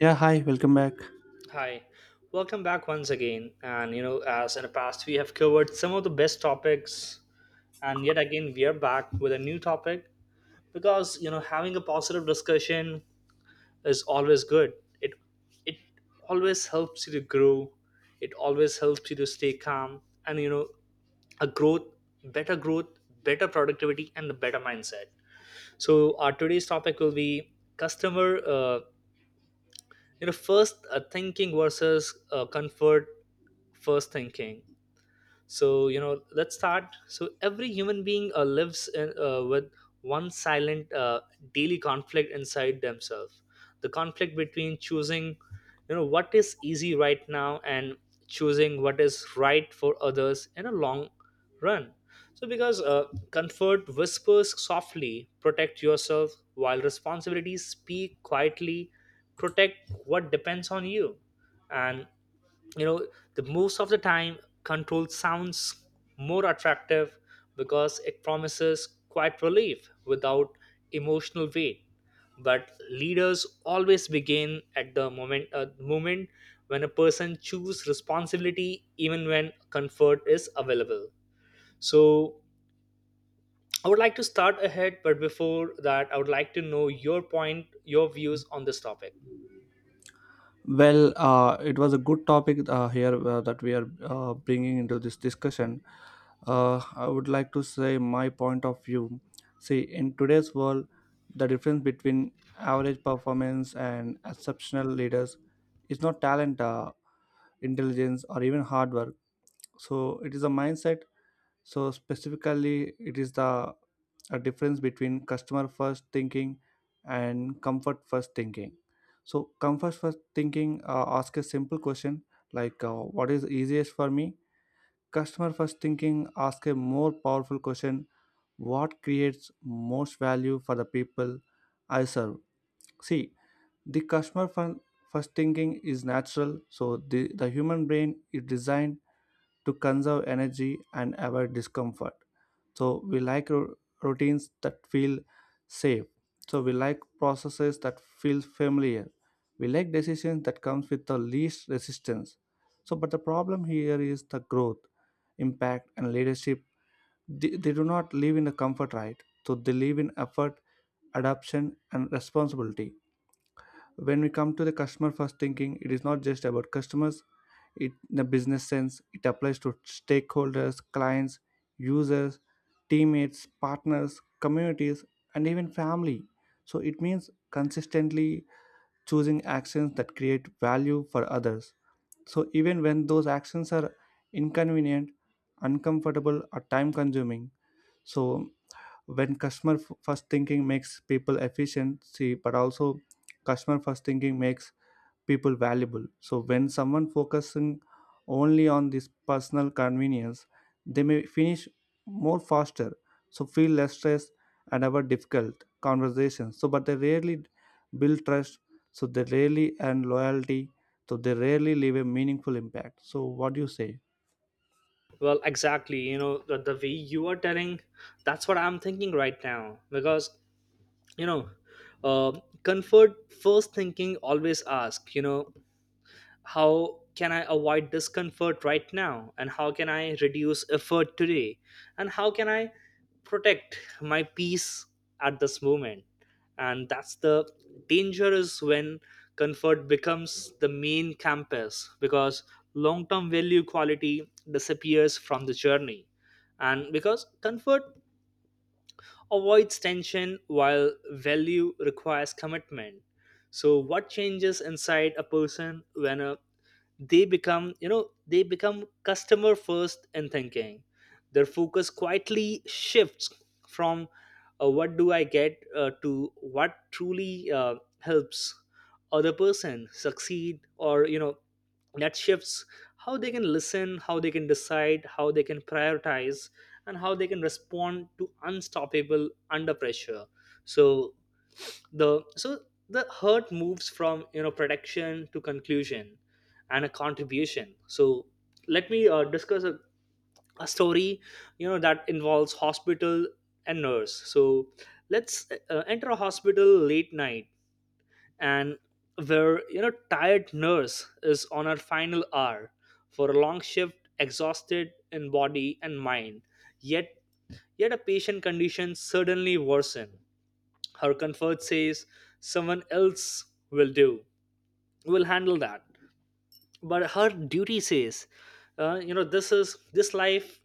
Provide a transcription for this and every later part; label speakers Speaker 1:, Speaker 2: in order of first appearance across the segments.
Speaker 1: Yeah, hi, welcome back.
Speaker 2: Hi, welcome back once again. And you know, as in the past, we have covered some of the best topics, and yet again, we are back with a new topic because you know, having a positive discussion is always good. It it always helps you to grow. It always helps you to stay calm, and you know, a growth, better productivity, and the better mindset. So, our today's topic will be customer you know first thinking versus comfort first thinking, so you know let's start. So every human being lives in, with one silent daily conflict inside themselves, the conflict between choosing you know what is easy right now and choosing what is right for others in a long run. So because comfort whispers softly, protect yourself, while responsibilities speak quietly, protect what depends on you. And you know, the most of the time, control sounds more attractive because it promises quiet relief without emotional weight. But leaders always begin at the moment when a person chooses responsibility even when comfort is available. So I would like to start ahead, but before that I would like to know your point, your views on this topic.
Speaker 1: It was a good topic here that we are bringing into this discussion. I would like to say my point of view. See, in today's world, the difference between average performance and exceptional leaders is not talent, intelligence, or even hard work. So, it is a mindset, so specifically it is the a difference between customer first thinking and comfort first thinking. So comfort first thinking ask a simple question, like what is easiest for me. Customer first thinking ask a more powerful question: what creates most value for the people I serve. See, the customer fir- first thinking is natural, so the human brain is designed to conserve energy and avoid discomfort. So we like routines that feel safe. So we like processes that feel familiar. We like decisions that comes with the least resistance. So but the problem here is the growth, impact and leadership, they do not live in the comfort, right. So they live in effort, adoption and responsibility. When we come to the customer first thinking, it is not just about customers, it in a business sense it applies to stakeholders, clients, users, teammates, partners, communities, and even family. So it means consistently choosing actions that create value for others, so even when those actions are inconvenient, uncomfortable or time consuming. So first thinking makes people efficient, see, but also customer first thinking makes people valuable. So when someone focusing only on this personal convenience, they may finish more faster, so feel less stress and have a difficult conversations. So but they rarely build trust, so they rarely and loyalty, so they rarely leave a meaningful impact. So what do you say?
Speaker 2: Well, exactly. You know, the way you are telling, that's what I'm thinking right now. Because, you know, uh, comfort first thinking always ask, you know, how can I avoid discomfort right now, and how can I reduce effort today, and how can I protect my peace at this moment. And that's the danger, is when comfort becomes the main campus, because long term value quality disappears from the journey, and because comfort avoids tension while value requires commitment. So what changes inside a person when a they become you know they become customer first in thinking, their focus quietly shifts from what do I get to what truly helps other person succeed, or you know, that shifts how they can listen, how they can decide, how they can prioritize, and how they can respond to unstoppable under pressure. So the so the hurt moves from you know protection to conclusion and a contribution. So let me discuss a story you know that involves hospital and nurse. So let's enter a hospital late night, and where you know tired nurse is on her final hour for a long shift, exhausted in body and mind. yet Yet a patient condition suddenly worsen. Her comfort says, someone else will do, will handle that. But her duty says, you know, this is this life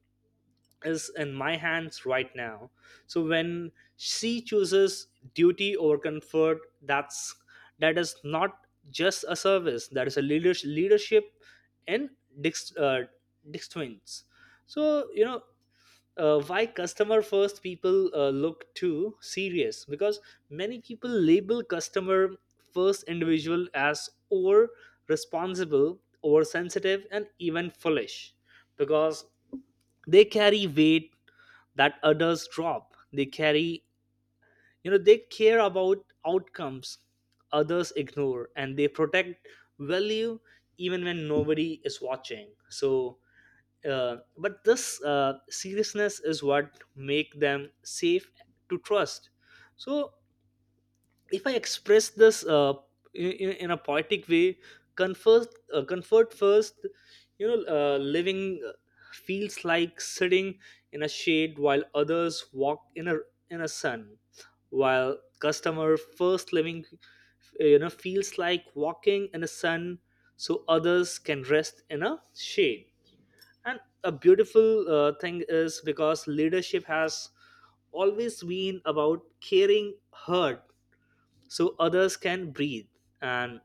Speaker 2: is in my hands right now. So when she chooses duty over comfort, that is not just a service. That is a leadership in Dick's uh, Dick's twins. So you know why customer first people look too serious, because many people label customer first individual as over responsible, over sensitive, and even foolish, because they carry weight that others drop. They carry you know, they care about outcomes others ignore, and they protect value even when nobody is watching. So but this seriousness is what make them safe to trust. So if I express this in, in a poetic way, comfort comfort first, you know living feels like sitting in a shade while others walk in a sun, while customer first living, you know, feels like walking in a sun so others can rest in a shade. And a beautiful thing is because leadership has always been about caring hurt so others can breathe. And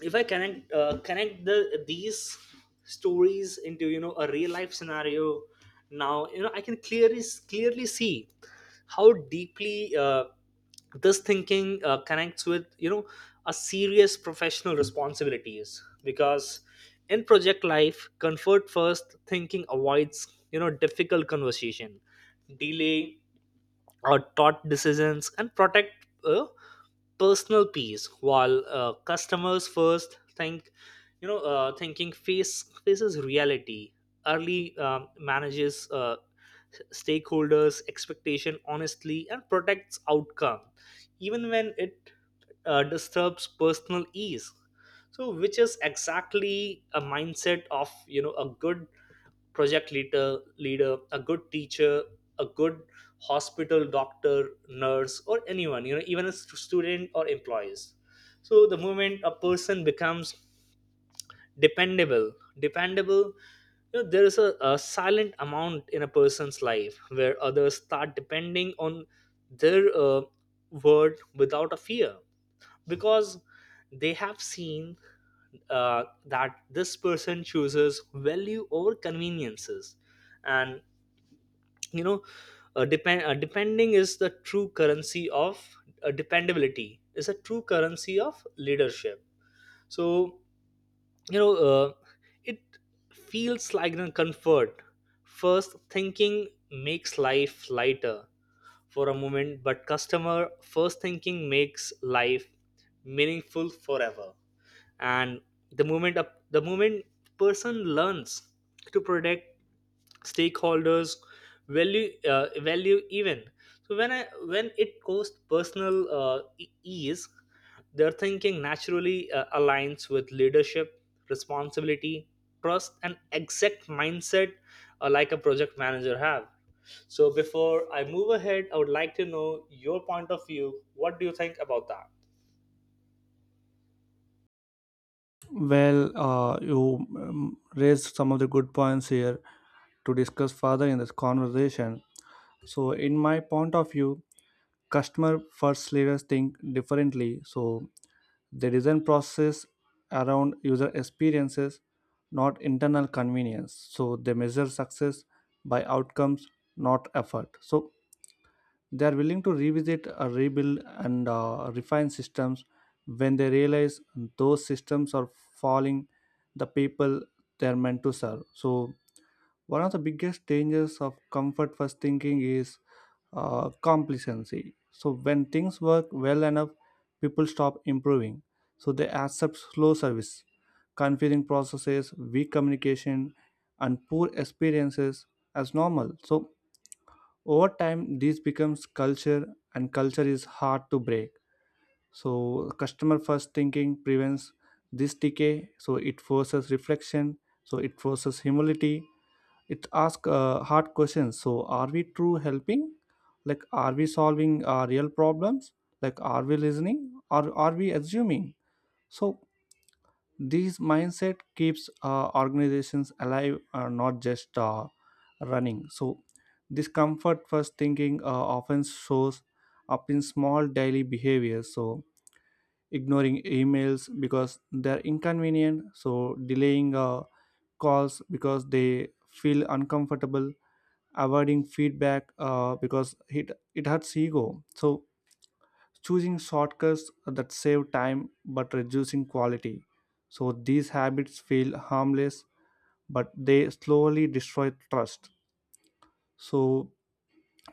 Speaker 2: if I connect connect the these stories into you know a real life scenario, now you know I can clearly see how deeply this thinking connects with you know a serious professional responsibilities, because in project life comfort first thinking avoids you know difficult conversation, delay or thought decisions, and protect personal peace, while customers first think you know thinking faces reality early, manages stakeholders expectation honestly, and protects outcome even when it disturbs personal ease. So which is exactly a mindset of you know a good project leader, a good teacher, a good hospital doctor, nurse, or anyone you know, even a student or employees. So the moment a person becomes dependable dependable, you know, there is a silent amount in a person's life where others start depending on their word without a fear, because they have seen that this person chooses value over conveniences. And you know depending is the true currency of dependability is a true currency of leadership. So you know, it feels like a comfort first thinking makes life lighter for a moment, but customer first thinking makes life meaningful forever. And the moment person learns to protect stakeholders value value, even so when I when it goes personal ease, their thinking naturally aligns with leadership responsibility, trust, and exact mindset like a project manager have. So before I move ahead, I would like to know your point of view, what do you think about that.
Speaker 1: You raised some of the good points here to discuss further in this conversation. So, in my point of view, customer first leaders think differently, so they design process around user experiences, not internal convenience. So they measure success by outcomes, not effort. So they are willing to revisit, rebuild and refine systems when they realize those systems are falling the people they are meant to serve. So one of the biggest dangers of comfort first thinking is complacency. So, when things work well enough, people stop improving. So, they accept slow service, confusing processes, weak communication, and poor experiences as normal. So, over time, this becomes culture, and culture is hard to break. So, customer first thinking prevents this decay. So, it forces reflection. So, it forces humility. It asks hard questions. So are we true helping, like are we solving real problems, like are we listening or are we assuming. So this mindset keeps organizations alive, not just running. So this comfort first thinking often shows up in small daily behaviors, so ignoring emails because they're inconvenient, so delaying calls because they feel uncomfortable, avoiding feedback because it hurts ego. So choosing shortcuts that save time but reducing quality. So these habits feel harmless, but they slowly destroy trust. So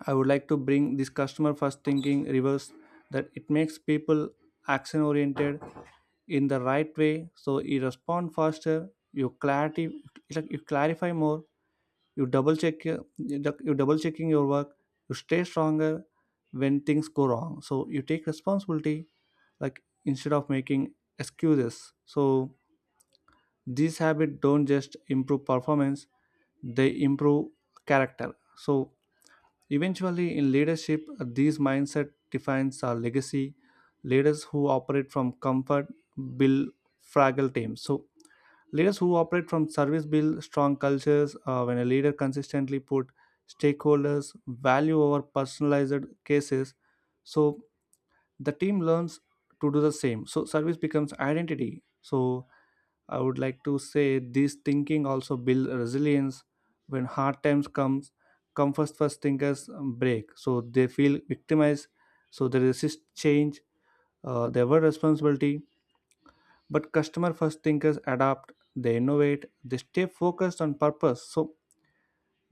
Speaker 1: I would like to bring this customer first thinking reverse that it makes people action oriented in the right way. So you respond faster, you clarity, it's like you clarify more, you double check your, you double checking your work, you stay stronger when things go wrong, so you take responsibility, like instead of making excuses. So these habits don't just improve performance, they improve character. So eventually in leadership, these mindset defines our legacy. Leaders who operate from comfort build fragile teams, so leaders who operate from service build strong cultures. When a leader consistently put stakeholders value over personalized cases, so the team learns to do the same. So service becomes identity. So I would like to say this thinking also build resilience. When hard times comes, come first first thinkers break. So they feel victimized. So they resist change. They avoid responsibility, but customer first thinkers adapt, they innovate, they stay focused on purpose. So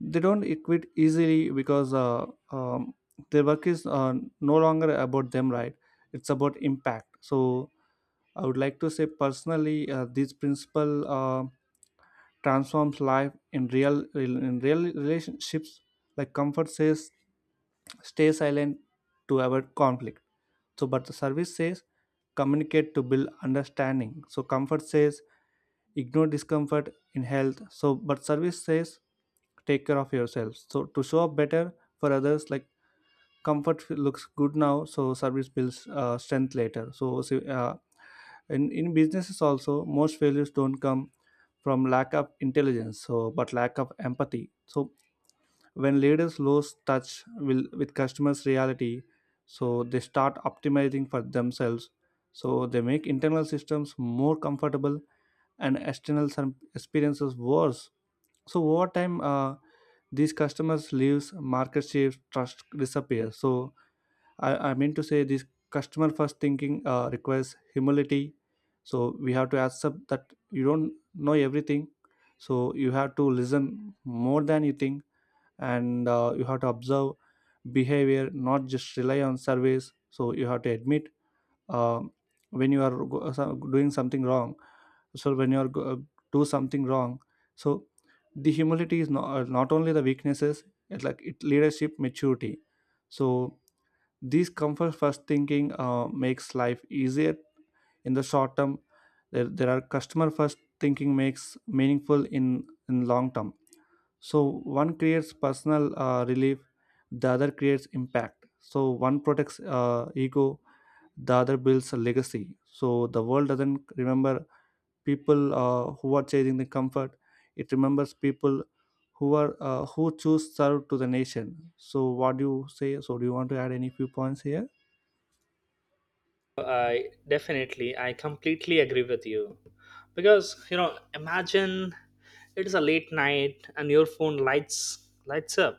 Speaker 1: they don't quit easily because um, their work is no longer about them, right? It's about impact. So I would like to say personally, this principle transforms life in real relationships. Like comfort says, stay silent to avoid conflict, so, but the service says communicate to build understanding. So, comfort says ignore discomfort in health. So, but service says take care of yourself. So, to show up better for others, like looks good now, so service builds strength later. So, so, in businesses also, most failures don't come from lack of intelligence, so but lack of empathy. So, when leaders lose touch will, with customers reality, so they start optimizing for themselves, so they make internal systems more comfortable and external some experiences worse. So over time these customers leaves market shifts trust disappears. So I mean to say this customer first thinking requires humility. So we have to accept that you don't know everything, so you have to listen more than you think, and you have to observe behavior, not just rely on surveys. So you have to admit um, when you are doing something wrong, so when you are do something wrong. So the humility is not only the weaknesses, it's like it leadership maturity. So these comfort first thinking makes life easier in the short term, there are customer first thinking makes meaningful in long term. So one creates personal relief, the other creates impact. So one protects ego, the other builds a legacy. So the world doesn't remember people who are chasing the comfort, it remembers people who are who choose serve to the nation. So what do you say? So do you want to add any few points here?
Speaker 2: I definitely, I completely agree with you. Because, you know, imagine it is a late night and your phone lights up,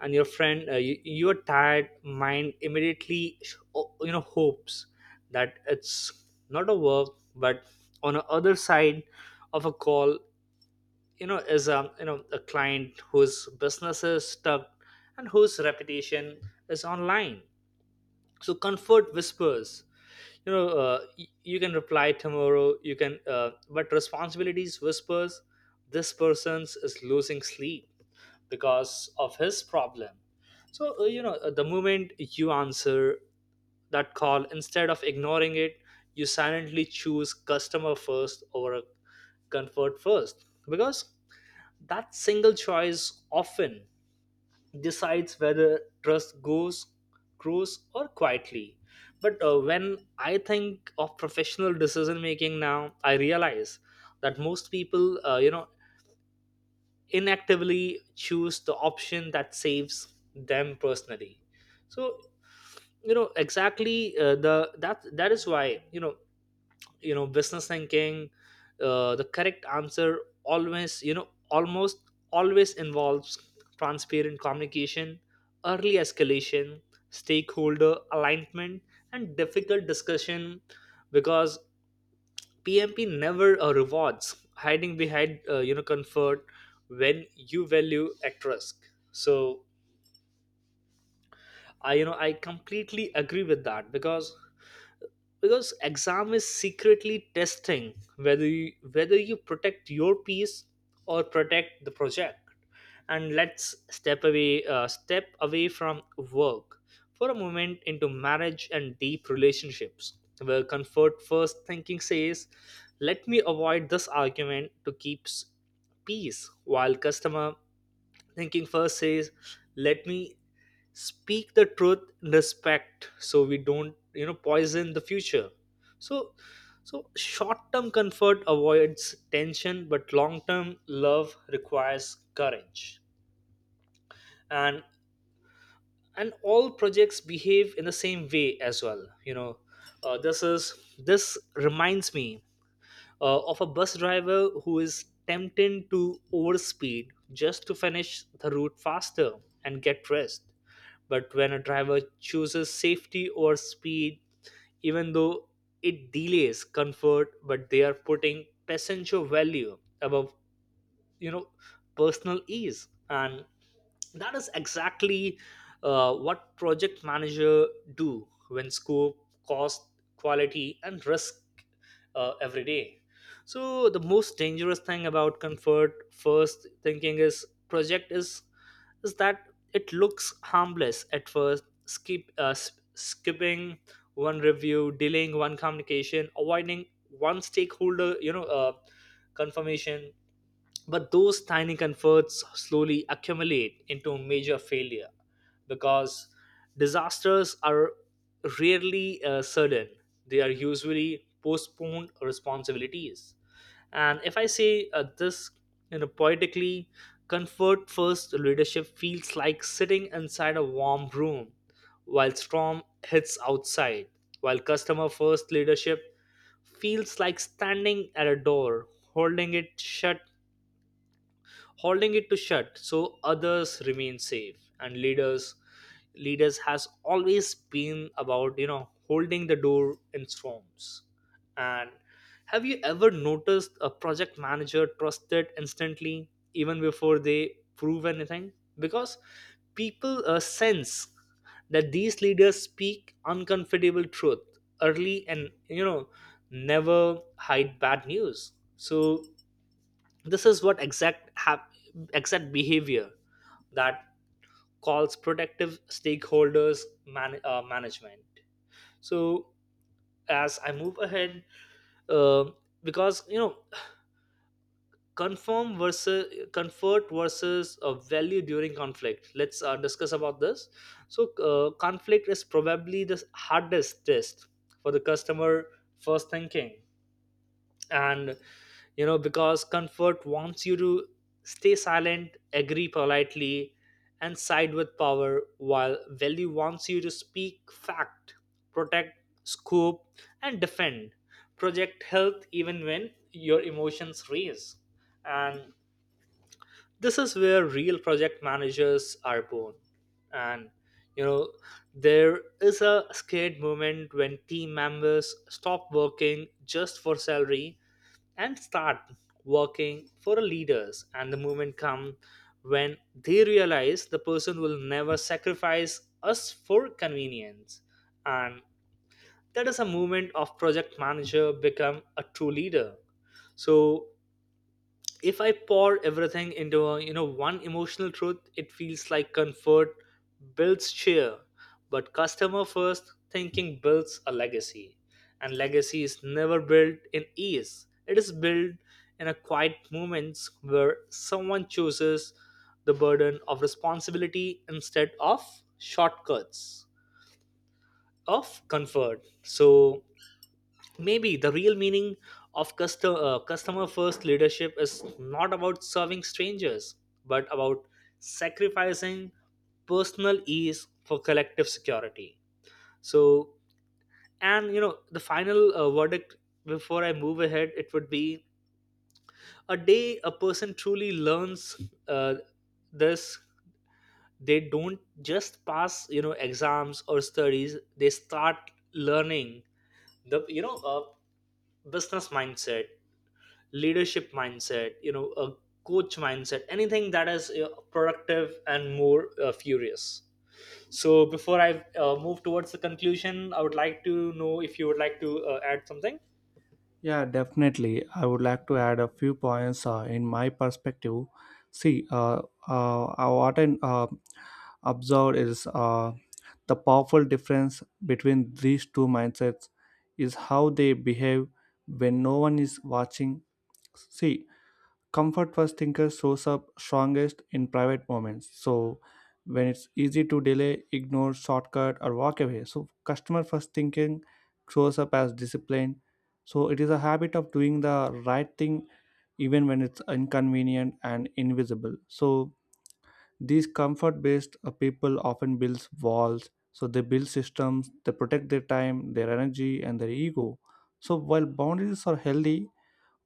Speaker 2: and your friend you, your tired mind immediately you know hopes that it's not a work. But on the other side of a call, you know, is a you know a client whose business is stuck and whose reputation is online. So comfort whispers, you know you can reply tomorrow, you can, but responsibilities whispers, this person's is losing sleep because of his problem. So you know the moment you answer that call instead of ignoring it, you silently choose customer first over a comfort first, because that single choice often decides whether trust goes grows or quietly. But when I think of professional decision making now, I realize that most people you know inactively choose the option that saves them personally. So you know exactly the that that is why you know, you know business thinking, the correct answer always you know almost always involves transparent communication, early escalation, stakeholder alignment, and difficult discussion, because PMP never rewards hiding behind you know comfort when you value at risk. So I you know I completely agree with that, because exam is secretly testing whether whether you protect your peace or protect the project. And let's step away from work for a moment into marriage and deep relationships, where comfort first thinking says, let me avoid this argument to keep peace, while customer thinking first says, let me speak the truth in respect so we don't you know poison the future. So so short term comfort avoids tension, but long term love requires courage. And and all projects behave in the same way as well, you know. This reminds me of a bus driver who is tempted to overspeed just to finish the route faster and get rest. But when a driver chooses safety or speed, even though it delays comfort, but they are putting passenger value above, you know, personal ease. And that is exactly what project manager do when scope, cost, quality, and risk every day. So the most dangerous thing about comfort first thinking is project is that it looks harmless at first. Skipping one review, delaying one communication, avoiding one stakeholder you know confirmation, but those tiny comforts slowly accumulate into major failure, because disasters are rarely sudden. They are usually postponed responsibilities. And if I say this you know, poetically, comfort first leadership feels like sitting inside a warm room while storm hits outside, while customer first leadership feels like standing at a door, holding it shut holding it to shut so others remain safe. And leaders has always been about you know holding the door in storms. And have you ever noticed a project manager trusted instantly even before they prove anything, because people sense that these leaders speak uncomfortable truth early, and you know never hide bad news. So this is what exact behavior that calls protective stakeholders management. So as I move ahead, um, because you know confirm versus comfort versus value during conflict. Let's discuss about this. So conflict is probably the hardest test for the customer first thinking, and you know because comfort wants you to stay silent, agree politely, and side with power, while value wants you to speak fact, protect scoop, and defend project health even when your emotions raise. And this is where real project managers are born. And you know there is a scared moment when team members stop working just for salary and start working for leaders, and the movement come when they realize the person will never sacrifice us for convenience. And that is a movement of project manager become a true leader. So if I pour everything into a, you know one emotional truth, it feels like comfort builds cheer, but customer first thinking builds a legacy. And legacy is never built in ease, it is built in a quiet moments where someone chooses the burden of responsibility instead of shortcuts of comfort. So maybe the real meaning of customer first leadership is not about serving strangers, but about sacrificing personal ease for collective security. So and you know the final verdict before I move ahead, it would be a day a person truly learns uh, this, they don't just pass exams or studies, they start learning the business mindset, leadership mindset, a coach mindset, anything that is productive and more furious. So before I move towards the conclusion, I would like to know if you would like to add something.
Speaker 1: Yeah, definitely. I would like to add a few points in my perspective. See, what I observed is the powerful difference between these two mindsets is how they behave when no one is watching. See, comfort first thinker shows up strongest in private moments, so when it's easy to delay, ignore, shortcut or walk away. So customer first thinking shows up as discipline, so it is a habit of doing the right thing even when it's inconvenient and invisible. So these comfort based people often builds walls, so they build systems, they protect their time, their energy and their ego. So while boundaries are healthy,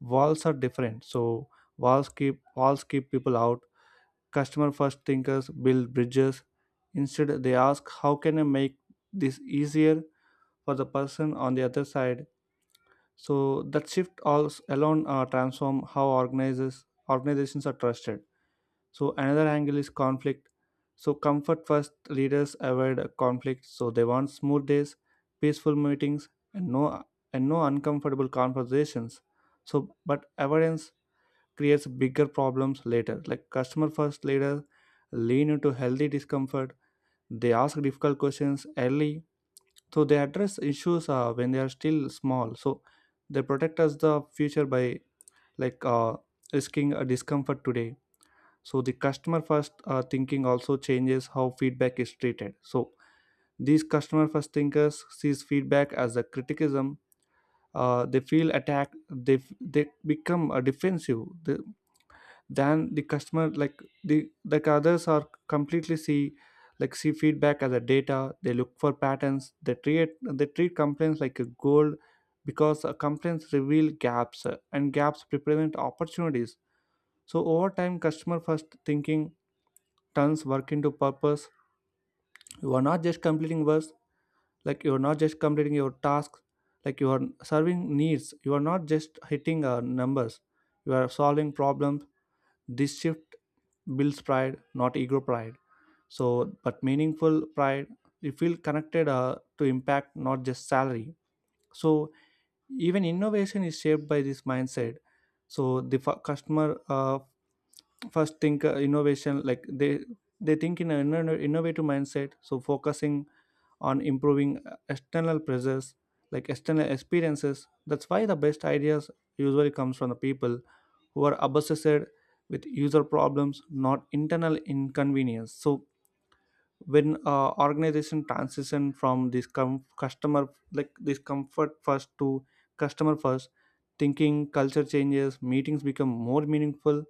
Speaker 1: walls are different. So walls keep, walls keep people out. Customer first thinkers build bridges instead, they ask how can I make this easier for the person on the other side. So that shift also alone transform how organizers organizations are trusted. So another angle is conflict. So comfort first leaders avoid conflict, so they want smooth days, peaceful meetings, and no and no uncomfortable conversations. So but avoidance creates bigger problems later. Like customer first leader lean into healthy discomfort. They ask difficult questions early, so they address issues when they are still small. So they protect us the future by like risking a discomfort today. So the customer first thinking also changes how feedback is treated. So these customer first thinkers sees feedback as a criticism, they feel attacked, they become defensive, they, than the customer like the like others are completely see, like see feedback as a data, they look for patterns, they treat complaints like a gold, because complaints reveal gaps and gaps represent opportunities. So over time customer first thinking turns work into purpose. You are not just completing work, like you are not just completing your tasks, like you are serving needs, you are not just hitting numbers, you are solving problems. This shift builds pride, not ego pride. So, but meaningful pride, you feel connected to impact, not just salary. So, even innovation is shaped by this mindset. So, the f- customer first think innovation, like they think in an innovative mindset, so focusing on improving external pressures, like external experiences. That's why the best ideas usually comes from the people who are obsessed with user problems, not internal inconvenience. So when organization transition from this com- customer like this comfort first to customer first thinking, culture changes, meetings become more meaningful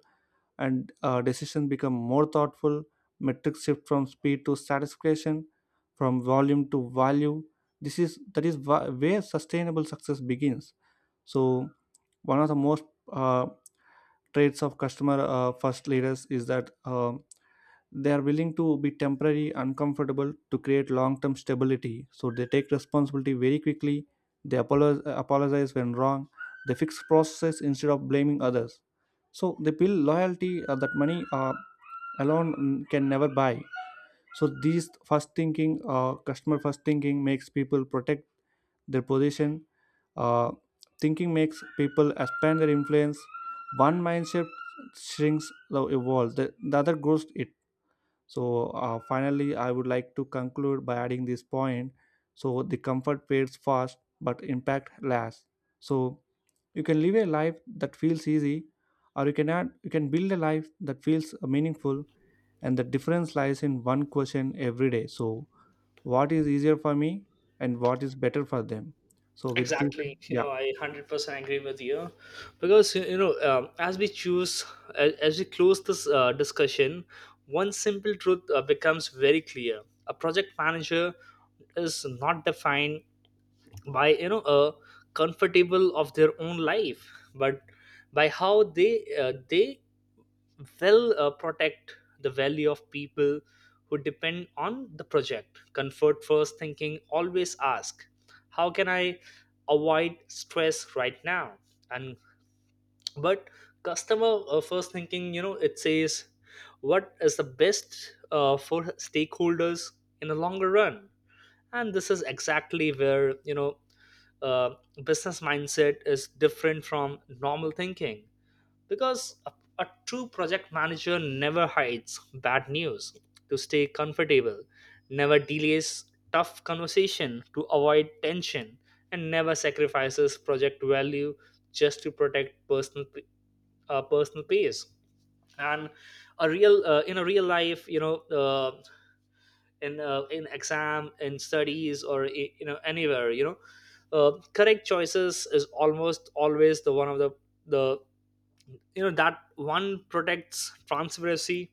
Speaker 1: and decisions become more thoughtful. Metrics shift from speed to satisfaction, from volume to value. This is that is wh- where sustainable success begins. So one of the most uh, traits of customer first leaders is that: they are willing to be temporary uncomfortable to create long term stability. So they take responsibility very quickly, they apologize when wrong, they fix processes instead of blaming others. So they build loyalty that money alone can never buy. So these first thinking, customer first thinking makes people protect their position, uh, thinking makes people expand their influence. One mindset shrinks the world, the other grows it. So, finally, I would like to conclude by adding this point. So, the comfort fades fast, but impact lasts. So, you can live a life that feels easy, or you can build a life that feels meaningful. And the difference lies in one question every day. So, what is easier for me, and what is better for them? So, with this,
Speaker 2: Exactly, you
Speaker 1: yeah.
Speaker 2: know, I 100% agree with you, because as we choose, as we close this discussion, one simple truth becomes very clear. A project manager is not defined by comfortable of their own life, but by how they will protect the value of people who depend on the project. Comfort first thinking always ask, how can I avoid stress right now? And but customer first thinking, you know, it says, what is the best for stakeholders in the longer run? And this is exactly where, uh, business mindset is different from normal thinking, because a true project manager never hides bad news to stay comfortable, never delays tough conversation to avoid tension, and never sacrifices project value just to protect personal personal pace. And a real in a real life, you know, uh, in exam, in studies, or anywhere, you know, correct choices is almost always the one of the you know that one protects transparency,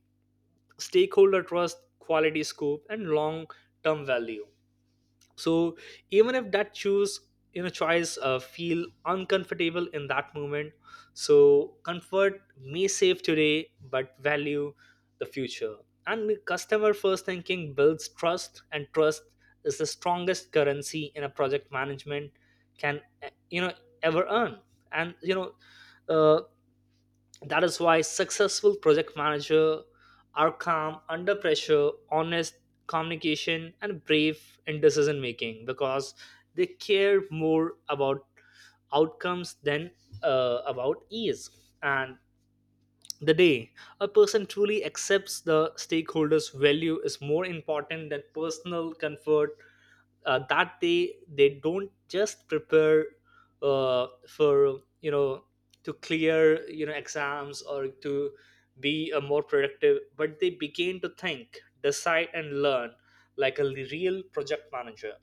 Speaker 2: stakeholder trust, quality, scope, and long term value. So even if that choose, you know, choice feel uncomfortable in that moment, so comfort may save today, but value the future. And customer first thinking builds trust, and trust is the strongest currency in a project management can ever earn. And you know uh, that is why successful project manager are calm under pressure, honest communication, and brave in decision making, because they care more about outcomes than about ease. And the day a person truly accepts the stakeholders' value is more important than personal comfort, that they don't just prepare for, you know, to clear, you know, exams, or to be a more productive, but they begin to think, decide, and learn like a real project manager.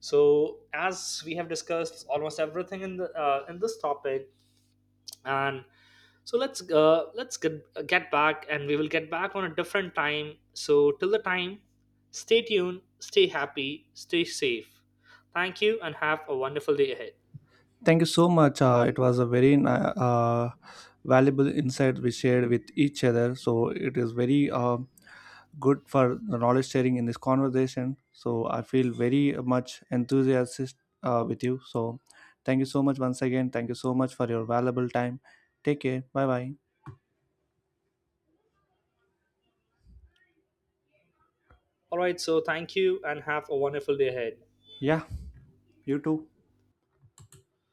Speaker 2: So as we have discussed almost everything in the in this topic, and so let's get, get back, and we will get back on a different time. So till the time, stay tuned, stay happy, stay safe. Thank you and have a wonderful day ahead.
Speaker 1: Thank you so much. It was a very valuable insight we shared with each other. So, it is very. Good for the knowledge sharing in this conversation. So I feel very much enthusiastic with you. So thank you so much once again. Thank you so much for your valuable time. Take care. Bye bye.
Speaker 2: All right, so thank you and have a wonderful day ahead.
Speaker 1: Yeah, you too.